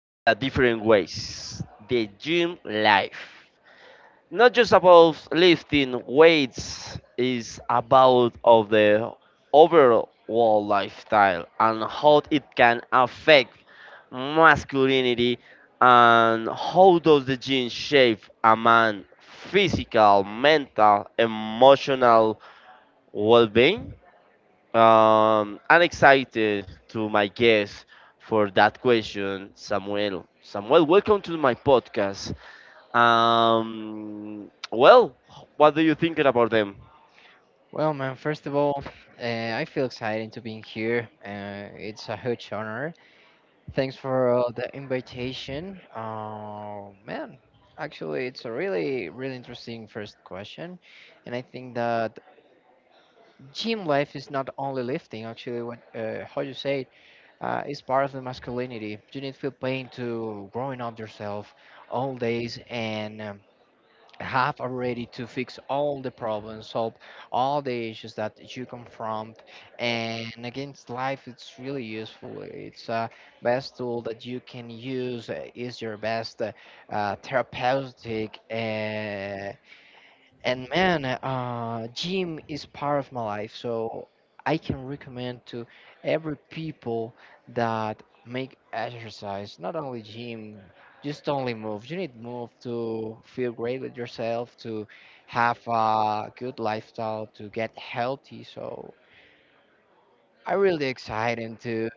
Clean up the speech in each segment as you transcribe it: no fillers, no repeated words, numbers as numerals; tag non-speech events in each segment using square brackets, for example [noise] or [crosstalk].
with a different ways. The gym life. Not just about lifting weights, it's about of the overall lifestyle and how it can affect masculinity, and how does the gene shape a man physical, mental, emotional well, being. I'm excited to my guest for that question, Samuel. Samuel, welcome to my podcast. Well, what do you think about them? Well, man, first of all, I feel excited to being here. It's a huge honor. Thanks for the invitation. Man, actually, it's a really, really interesting first question. And I think that gym life is not only lifting, actually, what, how you say it, is part of the masculinity. You need to feel pain to growing up yourself all days, and have already to fix all the problems, solve all the issues that you confront. And against life, it's really useful. It's a best tool that you can use. Is your best therapeutic. And man, gym is part of my life, so I can recommend to every people that make exercise, not only gym, just only move. You need move to feel great with yourself, to have a good lifestyle, to get healthy. So I'm really excited to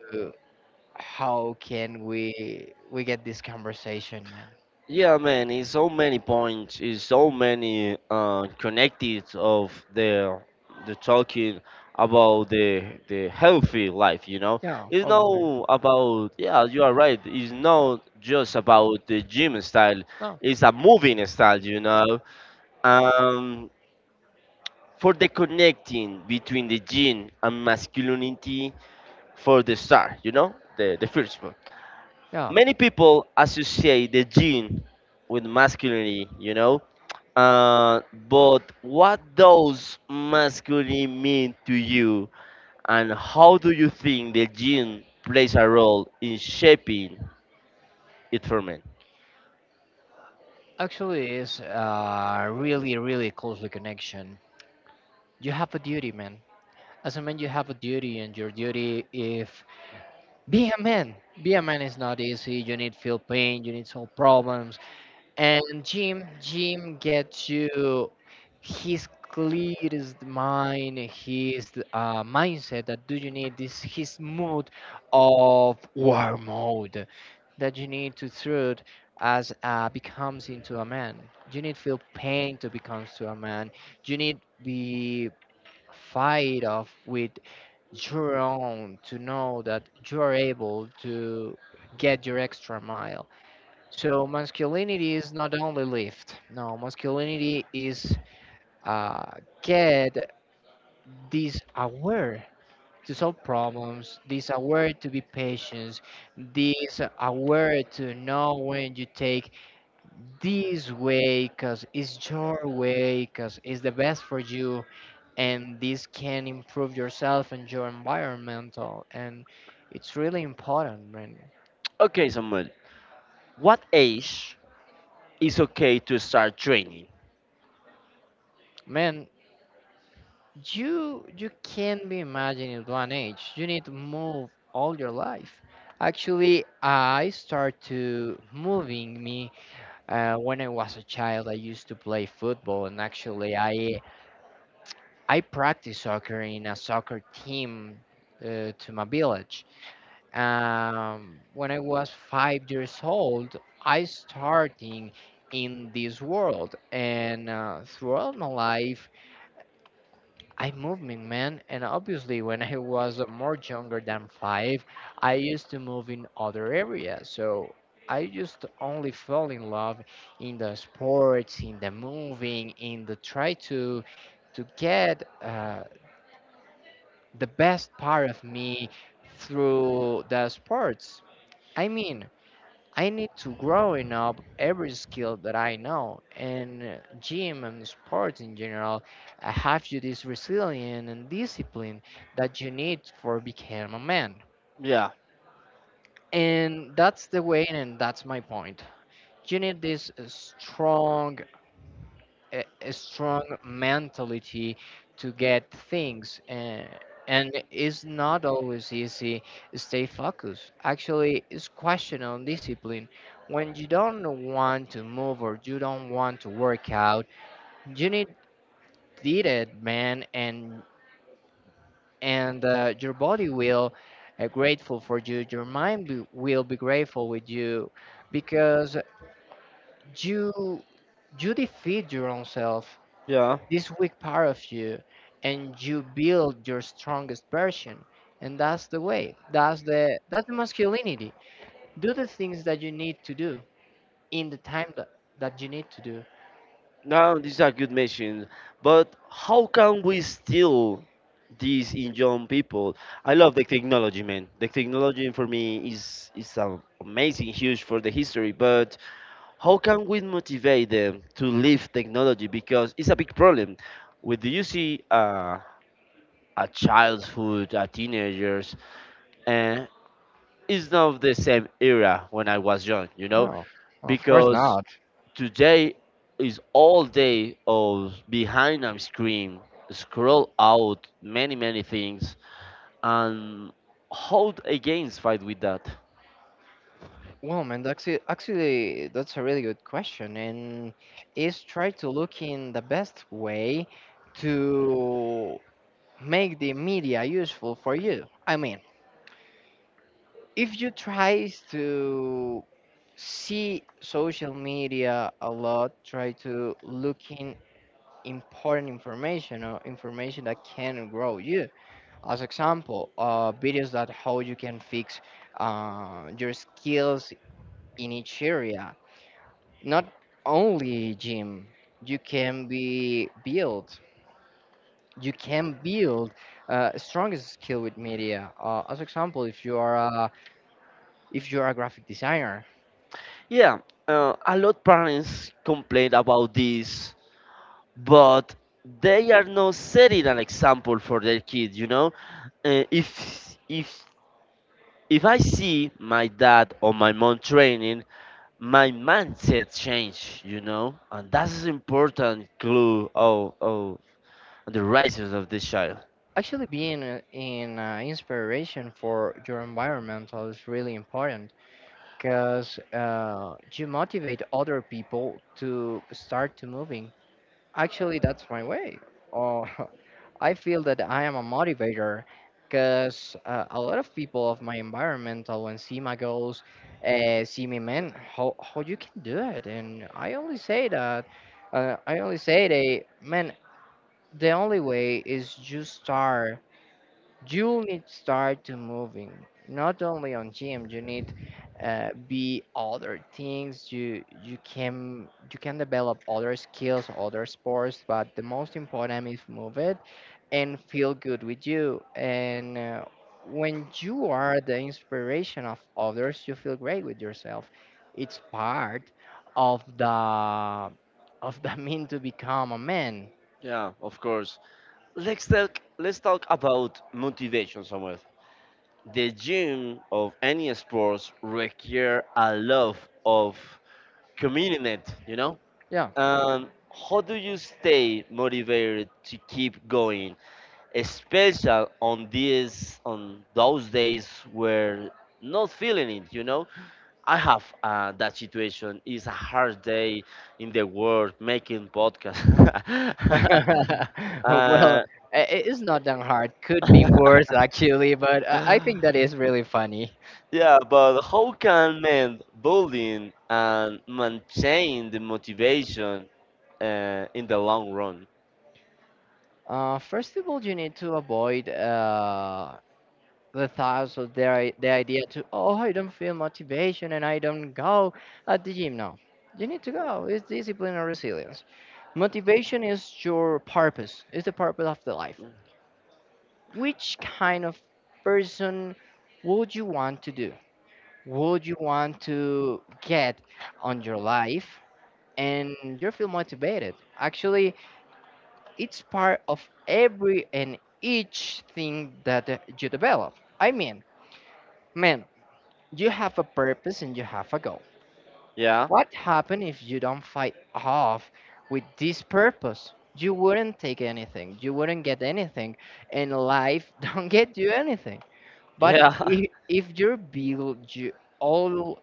how can we get this conversation, man. Yeah, man, it's so many points, it's so many connected of the talking about the healthy life. You know, Yeah, it's obviously. not about, yeah, you are right. It's not just about the gym style. No, It's a moving style. You know, um, for the connecting between the gene and masculinity for the star. You know, the first one. yeah. Many people associate the gene with masculinity, you know, uh, but what does masculine mean to you, and how do you think the gene plays a role in shaping it for men? Actually, it's a really, really closely connection. You have a duty, man. As a man, you have a duty, and your duty if be a man. Be a man is not easy. You need feel pain. You need solve problems. And Jim gets you. His clearest mind, his mindset that do you need this. His mood of war mode that you need to through as becomes into a man. You need feel pain to becomes to a man. You need be fight off with your own to know that you are able to get your extra mile. So masculinity is not only lift. No, masculinity is uh, get this aware to solve problems, this aware to be patient, this aware to know when you take this way because it's your way because it's the best for you, and this can improve yourself and your environmental, and it's really important, man. Okay, Samuel, what age is okay to start training? Man, you can't be imagining at one age. You need to move all your life. Actually, I start to moving me when I was a child. I used to play football, and actually I practice soccer in a soccer team to my village. When I was 5 years old, I starting in this world, and throughout my life, I moving, man. And obviously, when I was more younger than five, I used to move in other areas. So I just only fell in love in the sports, in the moving, in the try to get the best part of me through the sports. I mean, I need to growing up every skill that I know, and gym and sports in general. I have you this resilience and discipline that you need for become a man. Yeah, And that's the way, and that's my point. You need this strong a strong mentality to get things, and it's not always easy to stay focused. Actually, it's question on discipline. When you don't want to move or you don't want to work out, you need did it, man. And your body will grateful for you. Your mind will be grateful with you, because you you defeat your own self, yeah. this weak part of you, and you build your strongest version. And that's the way. That's the masculinity. Do the things that you need to do in the time that you need to do. Now these are good mentions, but how can we still these in young people. I love the technology, man. The technology for me is amazing, huge for the history. But how can we motivate them to leave technology, because it's a big problem when do you see a childhood, a teenagers, and it's not the same era when I was young, you know, No, of course because not. today is all day of behind a screen, scroll out many things, and hold against fight with that. Well, man, actually that's a really good question, and is try to look in the best way to make the media useful for you. I mean, if you try to see social media a lot, try to look in important information or information that can grow you. As example, videos that how you can fix your skills in each area. Not only gym, you can be build. You can build strongest skill with media. As example, if you are a graphic designer, Yeah, a lot parents complain about this, but they are not setting an example for their kids, you know, uh, if if if I see my dad or my mom training, my mindset change, you know, and that's an important clue. Oh, the rises of this child. actually, being in inspiration for your environment is really important, because you motivate other people to start to moving. Actually, that's my way. Oh, [laughs] I feel that I am a motivator, because a lot of people of my environmental when see my goals, see me, man, how you can do it, and I only say that. I only say they, man, the only way is you need start to moving, not only on gym. You need be other things. You can develop other skills, other sports, but the most important is move it and feel good with you. And when you are the inspiration of others, you feel great with yourself. It's part of the [laughs] mean to become a man. Yeah, of course. Let's talk, let's talk about motivation somewhere. The gym of any sports require a love of commitment, you know. Yeah. Um, how do you stay motivated to keep going, especially on those days where not feeling it? You know, I have that situation. It's a hard day in the world making podcast. [laughs] [laughs] Well, uh, it's not that hard. Could be worse [laughs] actually, but I think that is really funny. yeah, but how can men building and maintain the motivation in the long run? First of all, you need to avoid the thoughts of the idea to, oh, I don't feel motivation and I don't go at the gym. No, you need to go. It's discipline and resilience. Motivation is your purpose, it's the purpose of the life. Which kind of person would you want to do? Would you want to get on your life and you feel motivated? Actually, it's part of every and each thing that you develop. I mean, man, you have a purpose and you have a goal. Yeah. What happen if you don't fight off with this purpose? You wouldn't take anything, you wouldn't get anything, and life [laughs] don't get you anything. But yeah, Yeah. [laughs] If you build you all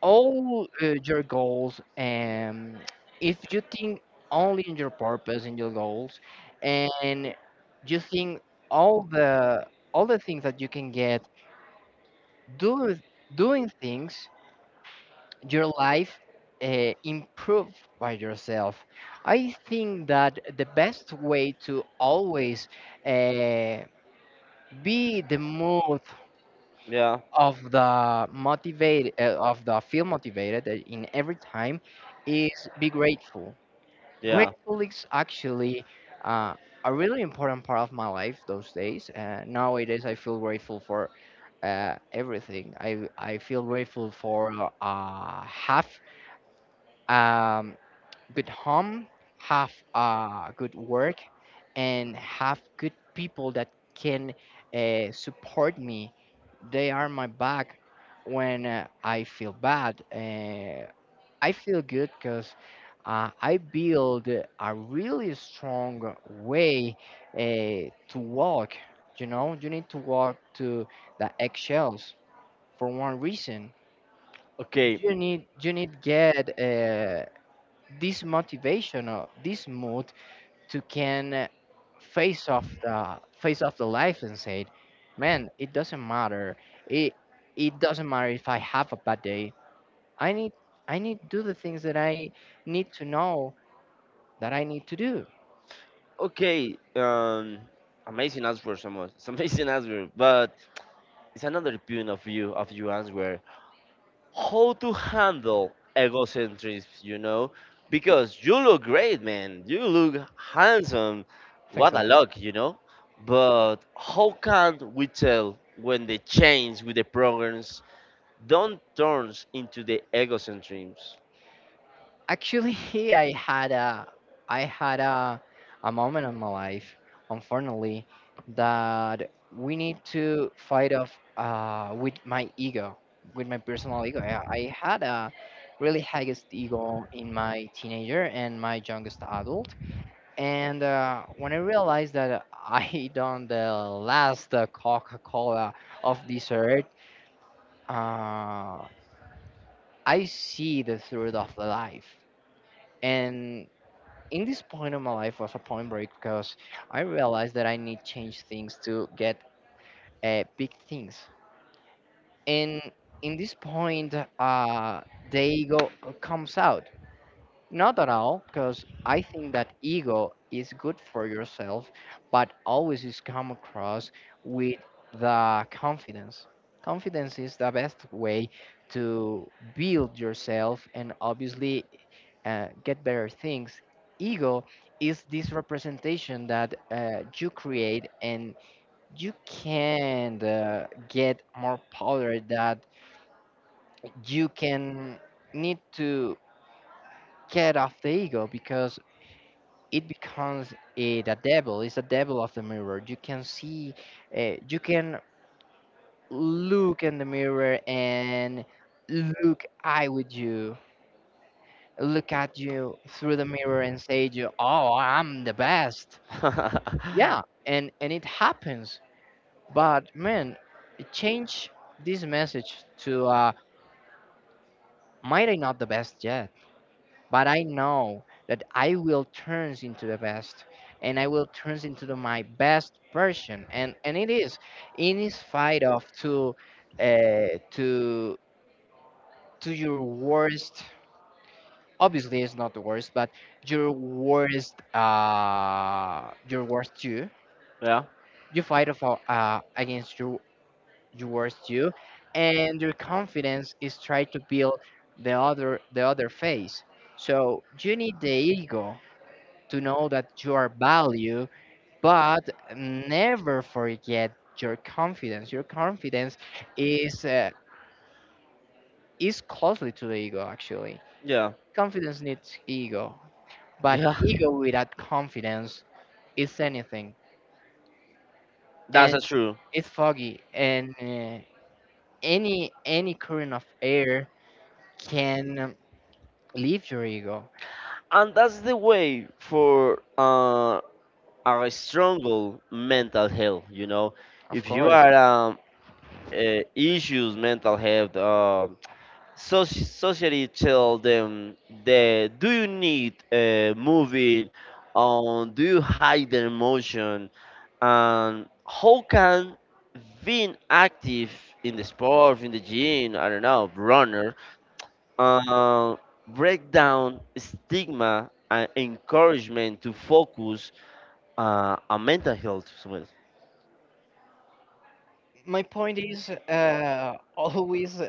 your goals, and if you think only in your purpose and your goals, and you think all the things that you can get do doing things, your life improve by yourself. I think that the best way to always uh, be the mood Yeah. of the motivate, of the feel motivated in every time is be grateful. Yeah. Grateful is actually uh, a really important part of my life those days. Nowadays, I feel grateful for everything. I feel grateful for half. Um, Good home, have good work, and have good people that can support me. They are my back when I feel bad. I feel good, because I build a really strong way to walk. You know, you need to walk to the eggshells for one reason. You Okay. need you need get this motivation or this mood to can face off the life and say, man, it doesn't matter. It it doesn't matter if I have a bad day. I need i need to do the things that I need to know that I need to do. Okay, amazing answer, someone. [laughs] It's amazing answer, but it's another point of view of your answer. How to handle egocentrism, you know? Because you look great, man. You look handsome. Thanks What a a lot. luck, you know? But how can we tell when the change with the programs don't turns into the egocentrism? Actually, [laughs] I had a I had a moment in my life, unfortunately, that we need to fight off with my ego, with my personal ego. I had a really highest ego in my teenager and my youngest adult, and when I realized that I [laughs] done the last Coca-Cola of this earth, uh, I see the truth of life, and in this point of my life was a point break, because I realized that I need change things to get big things. And in this point, the ego comes out not at all, because I think that ego is good for yourself, but always is come across with the confidence. Confidence is the best way to build yourself, and obviously get better things. Ego is this representation that you create, and you can get more power that you can need to get off the ego, because it becomes a the devil. It's the devil of the mirror. You can see, you can look in the mirror and look eye with you, look at you through the mirror and say to you, oh, I'm the best. Yeah, [laughs] and it happens, but man, change this message to might I not the best yet, but I know that I will turn into the best, and I will turn into my best version. And it is in spite of uh, to to your worst. Obviously it's not the worst, but your worst, your worst you. Yeah, You fight of, against your worst you, and your confidence is try to build the other face. So you need the ego to know that you are value, but never forget your confidence. Your confidence is uh, is closely to the ego actually. yeah, Confidence needs ego, but yeah. ego without confidence is anything, That's and a true. it's foggy. And any current of air can leave your ego, And that's the way for a stronger mental health, you know. of If you course. are issues, mental health. So society tell them that do you need moving on? Do you hide the emotion? And how can being active in the sport, in the gym, I don't know, runner, uh, break down stigma and encouragement to focus on mental health. Sumit? My point is [laughs] always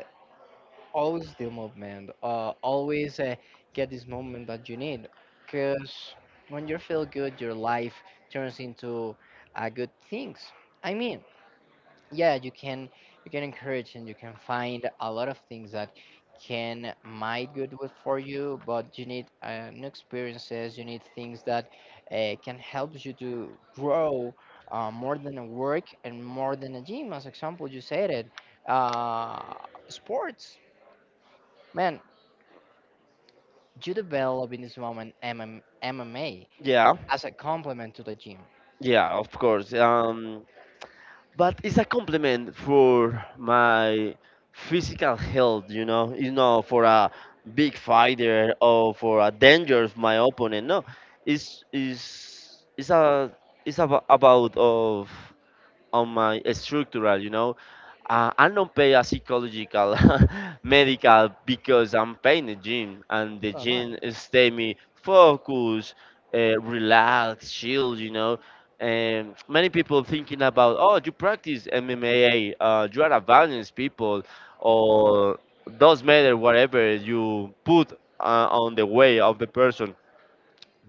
always the movement, always get this movement that you need because when you feel good your life turns into good things. I mean, yeah, you can, you can encourage and you can find a lot of things that can might good with for you, but you need new experiences. You need things that can help you to grow more than a work and more than a gym, as example, you said it. uh, Sports, man. You develop in this moment MMA Yeah. as a complement to the gym. Yeah, of course. But it's a compliment for my physical health, you know. You know, for a big fighter or for a danger of my opponent, no, it's it's it's a it's about of on my structural, you know. I don't pay a psychological [laughs] medical because I'm paying the gym, and the So am I. gym stay me focused, relaxed, chill, you know. And many people thinking about, oh, you practice MMA, you are a violence people, or does matter whatever you put on the way of the person.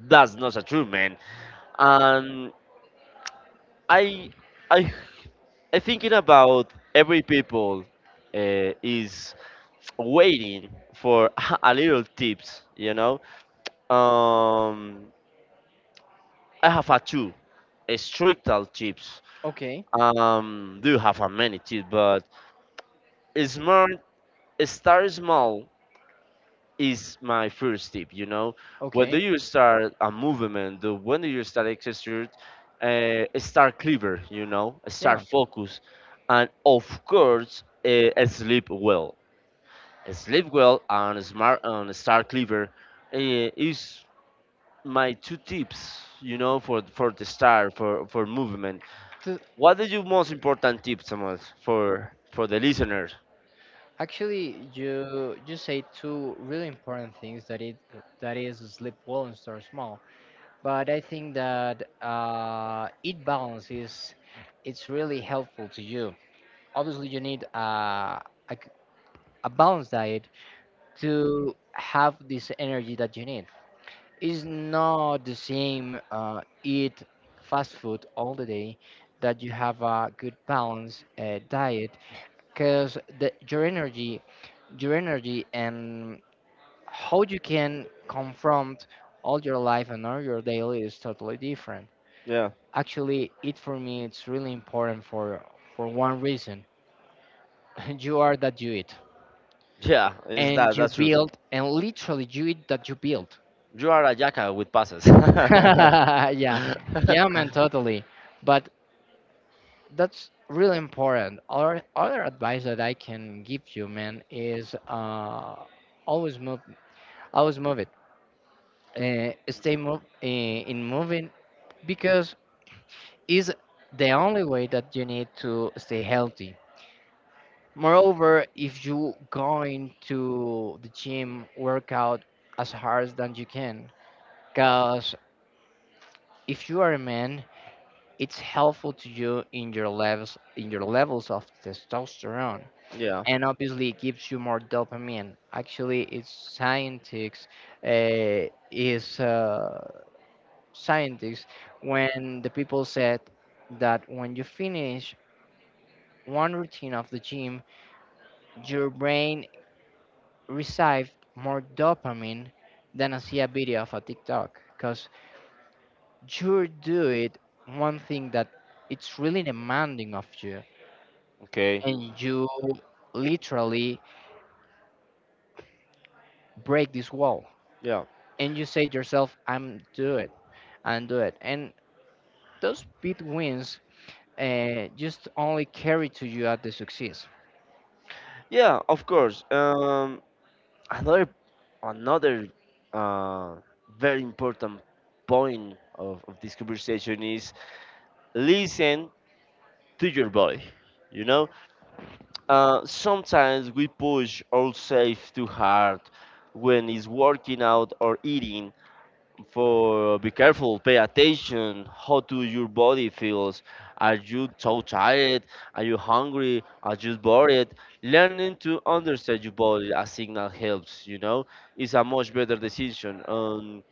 That's not a true man. And I I I thinking about every people is waiting for [laughs] a little tips, you know. Um, I have a two a strict tips. Okay, Do have a many tips, but smart, start small is my first tip. You know, when do okay. you start a movement? When do you start exercise? Start clever, you know, start Yeah. focus, and of course, sleep well. Sleep well and smart and start clever uh, is my two tips, you know, for the start for movement. To, What are your most important tips, Thomas, for the listeners? actually, you say two really important things, that is sleep well and start small. But I think that it balance is it's really helpful to you. Obviously, you need a c- a balanced diet to have this energy that you need. It's not the same eat fast food all the day, that you have a good balanced diet, because the your energy, your energy and how you can confront all your life and all your daily is totally different. Yeah, Actually, it for me it's really important for one reason. [laughs] You are that you eat yeah, is that and you that's true. build, and literally, you eat that you build. You are a jackal with passes. [laughs] Yeah, yeah, man, [laughs] totally, but that's really important. Our other advice that I can give you, man, is always move, always move it, stay move in moving, because is the only way that you need to stay healthy. Moreover, if you going to the gym, work out as hard as you can, because if you are a man, it's helpful to you in your levels, of testosterone, Yeah. and obviously it gives you more dopamine. Actually, it's scientists, is scientists, when the people said that when you finish one routine of the gym, your brain receives more dopamine than I see a video of a TikTok, because you do it one thing that it's really demanding of you, Okay. and you literally break this wall Yeah. and you say to yourself, I'm do it. And those big wins just only carry to you at the success. Yeah, of course. Another another uh, very important point of this conversation is listen to your body. You know, sometimes we push ourselves too hard when it's working out or eating. For be careful, pay attention how do your body feels. Are you so tired, are you hungry, are you bored? Learning to understand your body as signal helps, you know, it's a much better decision.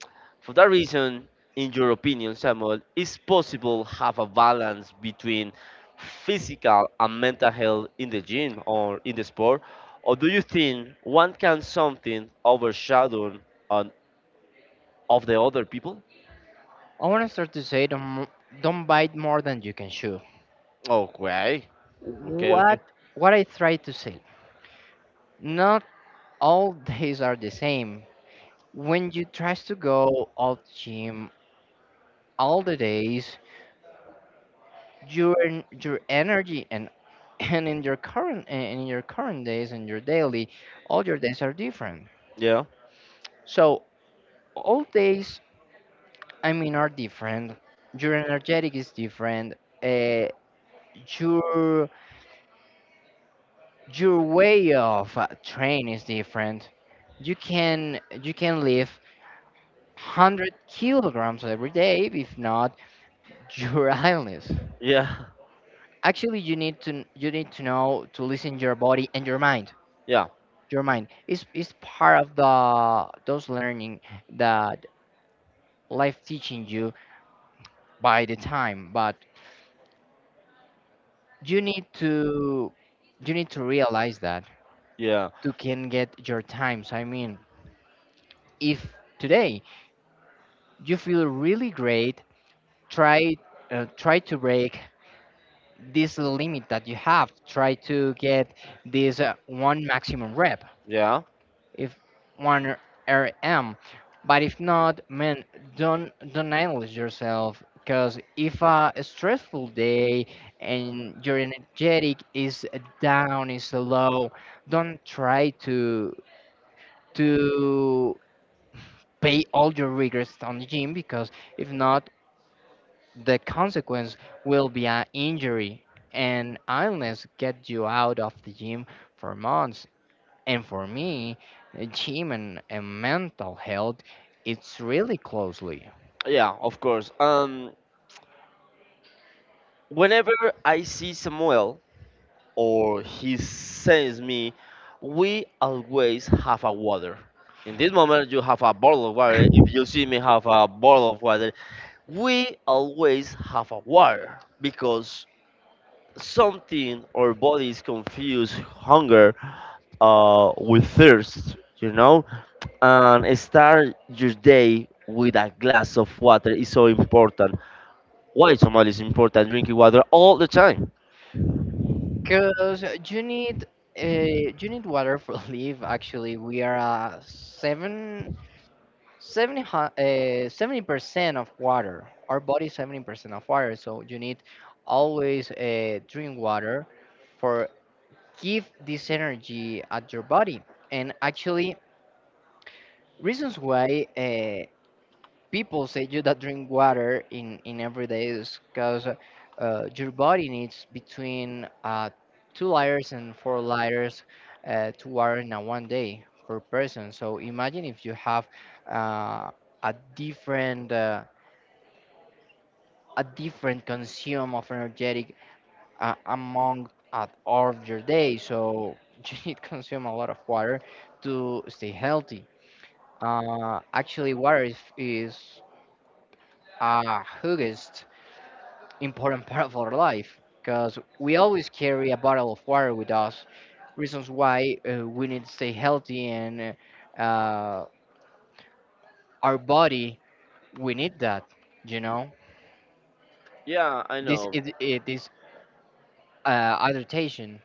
For that reason, in your opinion, Samuel, is possible have a balance between physical and mental health in the gym or in the sport, or do you think one can something overshadow on of the other people? I want to start to say, don't bite more than you can chew. Okay. Okay, okay. What what I try to say, not all [laughs] days are the same. When you try to go out gym all the days, your energy and [laughs] and in your current and in your current days and your daily, all your days are different. Yeah. So all days, I mean, are different. Your energetic is different. Uh, your way of train is different. You can lift 100 kilograms every day, if not, your [laughs] illness. Yeah. [laughs] Actually, you need to, you need to know to listen your body and your mind. Yeah. Your mind is part of the those learning that life teaching you by the time, but you need to, you need to realize that Yeah. you can get your times. I mean, if today you feel really great, try try to break this limit that you have. Try to get this one maximum rep, Yeah. if one RM. But if not, man, don't idolize yourself, because if a stressful day and your energetic is down, is low, don't try to pay all your regrets on the gym, because if not, the consequence will be an injury and illness get you out of the gym for months. And for me, gym and mental health, it's really closely. Yeah, of course. Whenever I see Samuel or he sends me, we always have a water. In this moment you have a bottle of water. If you see me have a bottle of water, we always have a water, because something our bodies confuse hunger with thirst, you know, and start your day with a glass of water is so important. Why Somali is important drinking water all the time? Because you need you need water for [laughs] life. Actually, we are a seven. 70 percent of water. Our body is 70% of water, so you need always drink water for give this energy at your body. And actually, reasons why people say you that drink water in every day, is because your body needs between 2 liters and 4 liters to water in a one day per person. So imagine if you have uh, a different uh, a different consume of energetic among at all of your day. So [laughs] you need consume a lot of water to stay healthy. Actually, water is a huge important part of our life, because we always carry a bottle of water with us. Reasons why we need to stay healthy, and uh, uh, our body, we need that. You know, Yeah, I this know. is, it is adaptation.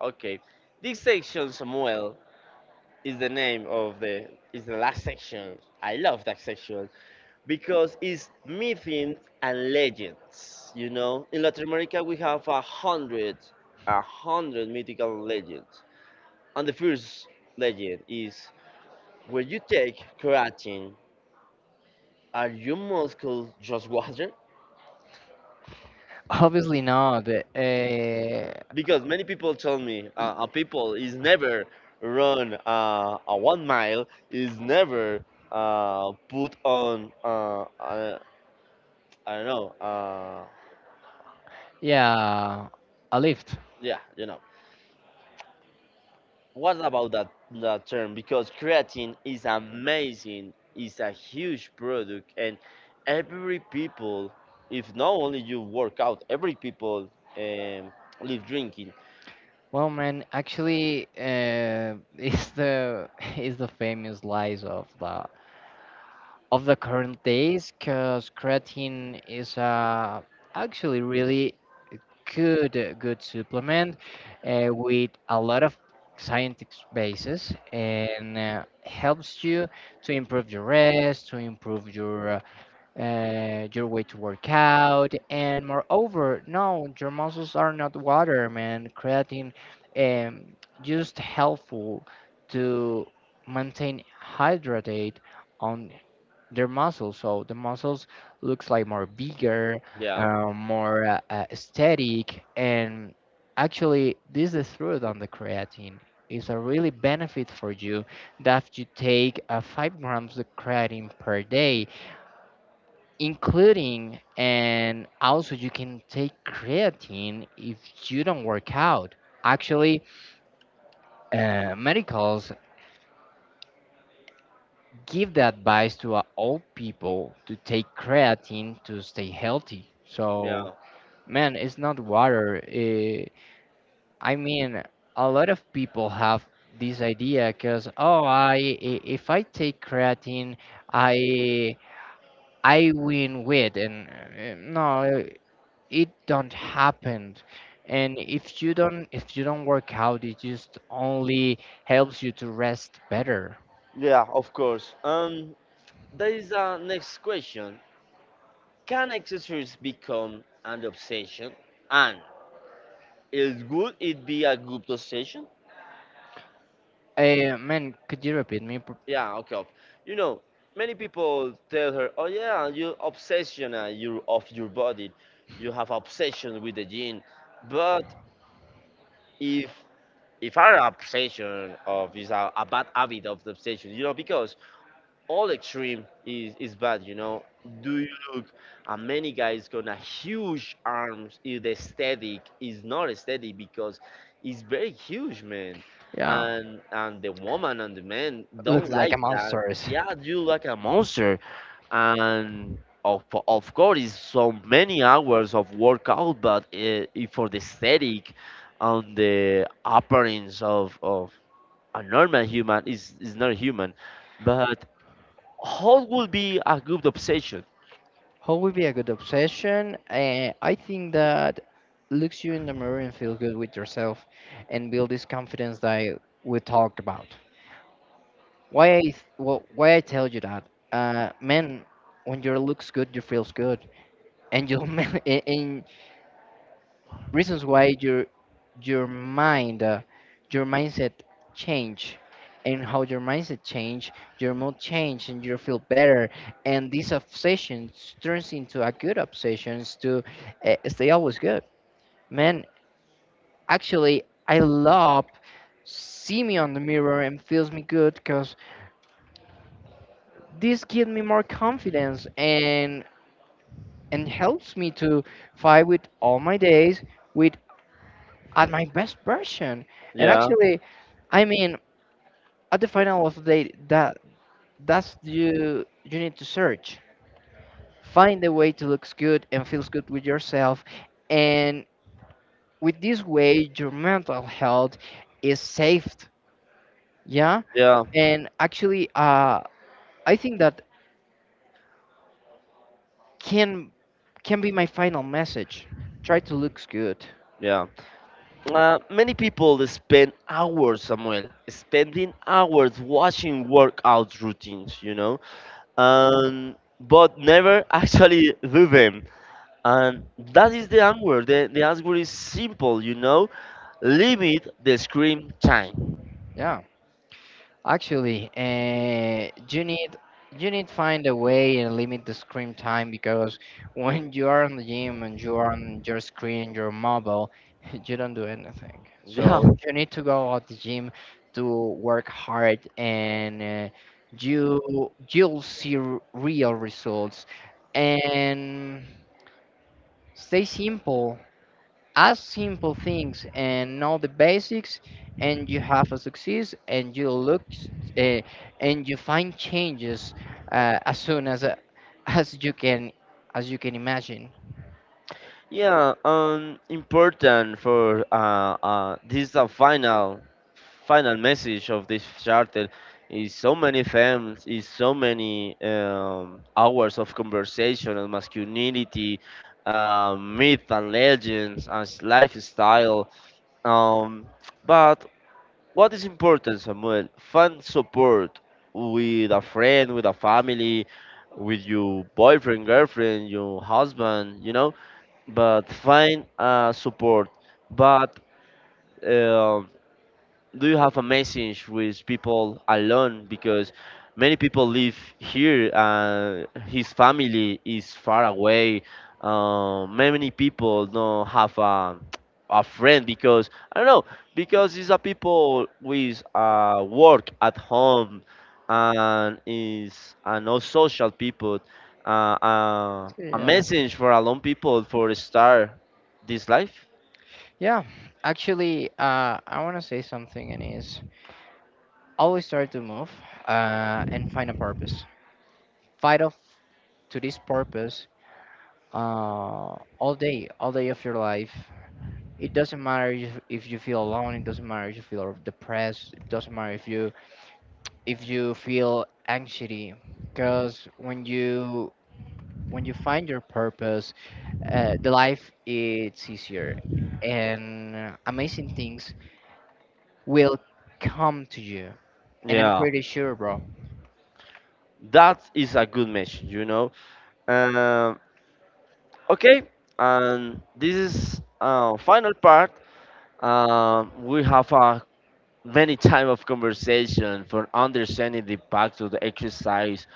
Okay, this section, Samuel, is the name of the is the last section. I love that section because it's myths and legends. You know, in Latin America we have a hundred mythical legends, and the first legend is, when you take creatine, are your muscles just water? Obviously not. Uh, Because many people tell me, a people is never run a 1 mile, is never put on I don't know, yeah, a lift. yeah, you know. What about that term? Because creatine is amazing, it's a huge product, and every people, if not only you work out, every people um, live drinking. Well, man, actually, [laughs] it's the [laughs] it's the famous lies of the current days, because creatine is actually really good supplement with a lot of scientific basis, and helps you to improve your rest, to improve your way to work out. And moreover, no, your muscles are not water, man. Creatine um, just helpful to maintain hydrated on their muscles. So the muscles looks like more bigger, Yeah, yeah, more aesthetic, and actually this is true on the creatine. It's a really benefit for you, that you take 5 grams of creatine per day, including, and also you can take creatine if you don't work out. Actually, medicals give the advice to all people to take creatine to stay healthy. Yeah. So, yeah, man, it's not water, I mean, a lot of people have this idea, because oh, if I take creatine, i I win weight, and no, it don't happen. And if you don't, if you don't work out, it just only helps you to rest better. yeah. Of course. There is a next question. Can exercise become an obsession? And is would it be a good obsession? Eh, man, could you repeat me? Yeah, okay. You know, many people tell her, "Oh yeah, you obsession you of your body. You have obsession with the gene." But if if our obsession of is a bad habit of the obsession, you know, because all extreme is bad, you know. Do you look at many guys gonna huge arms? If the aesthetic is not aesthetic because it's very huge, man, Yeah, and the woman and the man don't looks like a like that. monster. Yeah, you like a monster, and of, of course it's so many hours of workout, but if for the aesthetic on the appearance of a normal human is not human, but hall will be a good obsession. How would be a good obsession? I think that looks you in the mirror and feel good with yourself, and build this confidence that we talked about. Why I tell you that, man, when your looks good, you feels good, and you [laughs] and reasons why your mind uh, your mindset change, and how your mindset change, your mood change, and you feel better, and these obsessions turns into a good obsessions to stay always good, man. Actually, I love see me on the mirror and feels me good, because this gives me more confidence, and helps me to fight with all my days, with at my best version, and Yeah, actually, I mean, at the final of the day, that that's you, you need to search. Find a way to looks good and feels good with yourself, and with this way, your mental health is saved. Yeah, yeah, and actually, I think that can can be my final message. Try to looks good. yeah. Many people spend hours, Samuel, spending hours watching workout routines, you know, but never [laughs] actually do them. And that is the answer. The answer is simple, you know, limit the screen time. Yeah. Actually, you need, you need find a way and limit the screen time, because [laughs] when you are in the gym and you are on your screen, your mobile, [laughs] you don't do anything. Yeah. So you need to go out the gym to work hard, and uh, you you'll see real results, and stay simple, ask simple things and know the basics, and you have a success, and you look uh, and you find changes uh, as soon as uh, as you can, as you can imagine. Yeah, important for this is the final message of this charter. Is so many films, is so many hours of conversation on masculinity, myth and legends, as lifestyle. Um, but what is important, Samuel? Find support with a friend, with a family, with your boyfriend, girlfriend, your husband. You know, but find support. But um do you have a message with people alone? Because many people live here, his family is far away. Many people don't have a friend, because I don't know, because these are people with work at home, and is and no social people. A Yeah, message for alone people for start this life. yeah. Actually, I want to say something, and is, always try to move and find a purpose, fight off to this purpose all day, all day of your life. It doesn't matter if you feel alone, it doesn't matter if you feel depressed, it doesn't matter if you, if you feel anxiety, because when you, when you find your purpose, the life it's easier, and amazing things will come to you, and I'm Yeah, pretty sure, bro. that is a good message, you know. Um, okay, and this is final part. We have many time of conversation for understanding the impact of the exercise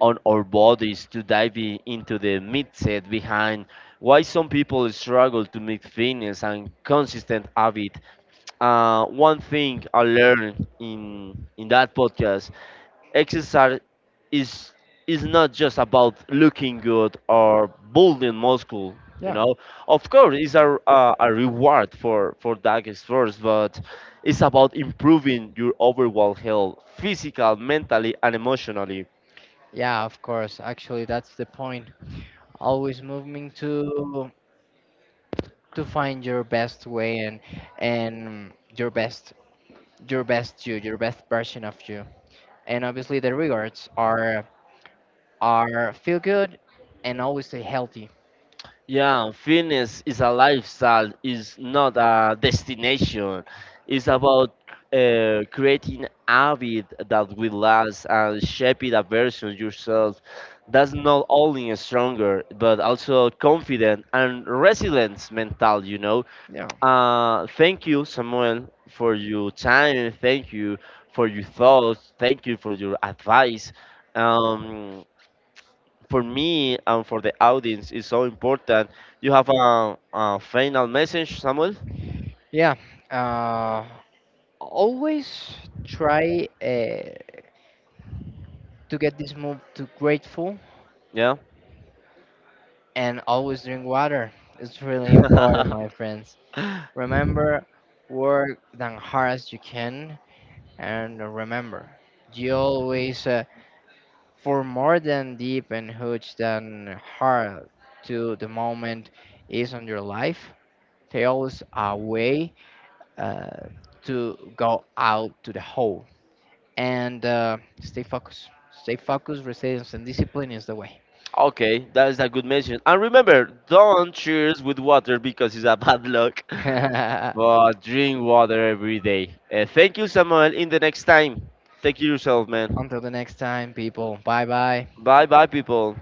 on our bodies, to dive into the mindset behind why some people struggle to meet fitness and consistent habit. One thing I learned in that podcast: exercise is is not just about looking good or building muscle. You Yeah. know, of course, it's a reward for that efforts, but it's about improving your overall health, physical, mentally, and emotionally. Yeah, of course, actually, that's the point. Always moving to find your best way, and your best, your best you, your best version of you, and obviously the rewards are feel good and always stay healthy. Yeah, fitness is a lifestyle, is not a destination. It's about creating habit that will last, and shaping a version of yourself that's not only stronger, but also confident and resilient mental, you know. Yeah. Thank you, Samuel, for your time. Thank you for your thoughts. Thank you for your advice. Um, for me and for the audience is so important. You have a final message, Samuel? Yeah. Uh, Always try to get this move to grateful, Yeah. and always drink water. It's really important, [laughs] my friends. Remember, work as hard as you can, and remember, you always for more than deep and huge than hard to the moment is on your life. There always a way uh, to go out to the hole, and stay focused. Stay focused, resilience, and discipline is the way. Okay, that is a good message. And remember, don't cheers with water because it's a bad luck. [laughs] [laughs] But drink water every day. Thank you, Samuel. In the next time, take care yourself, man. Until the next time, people. Bye bye. Bye, bye, people.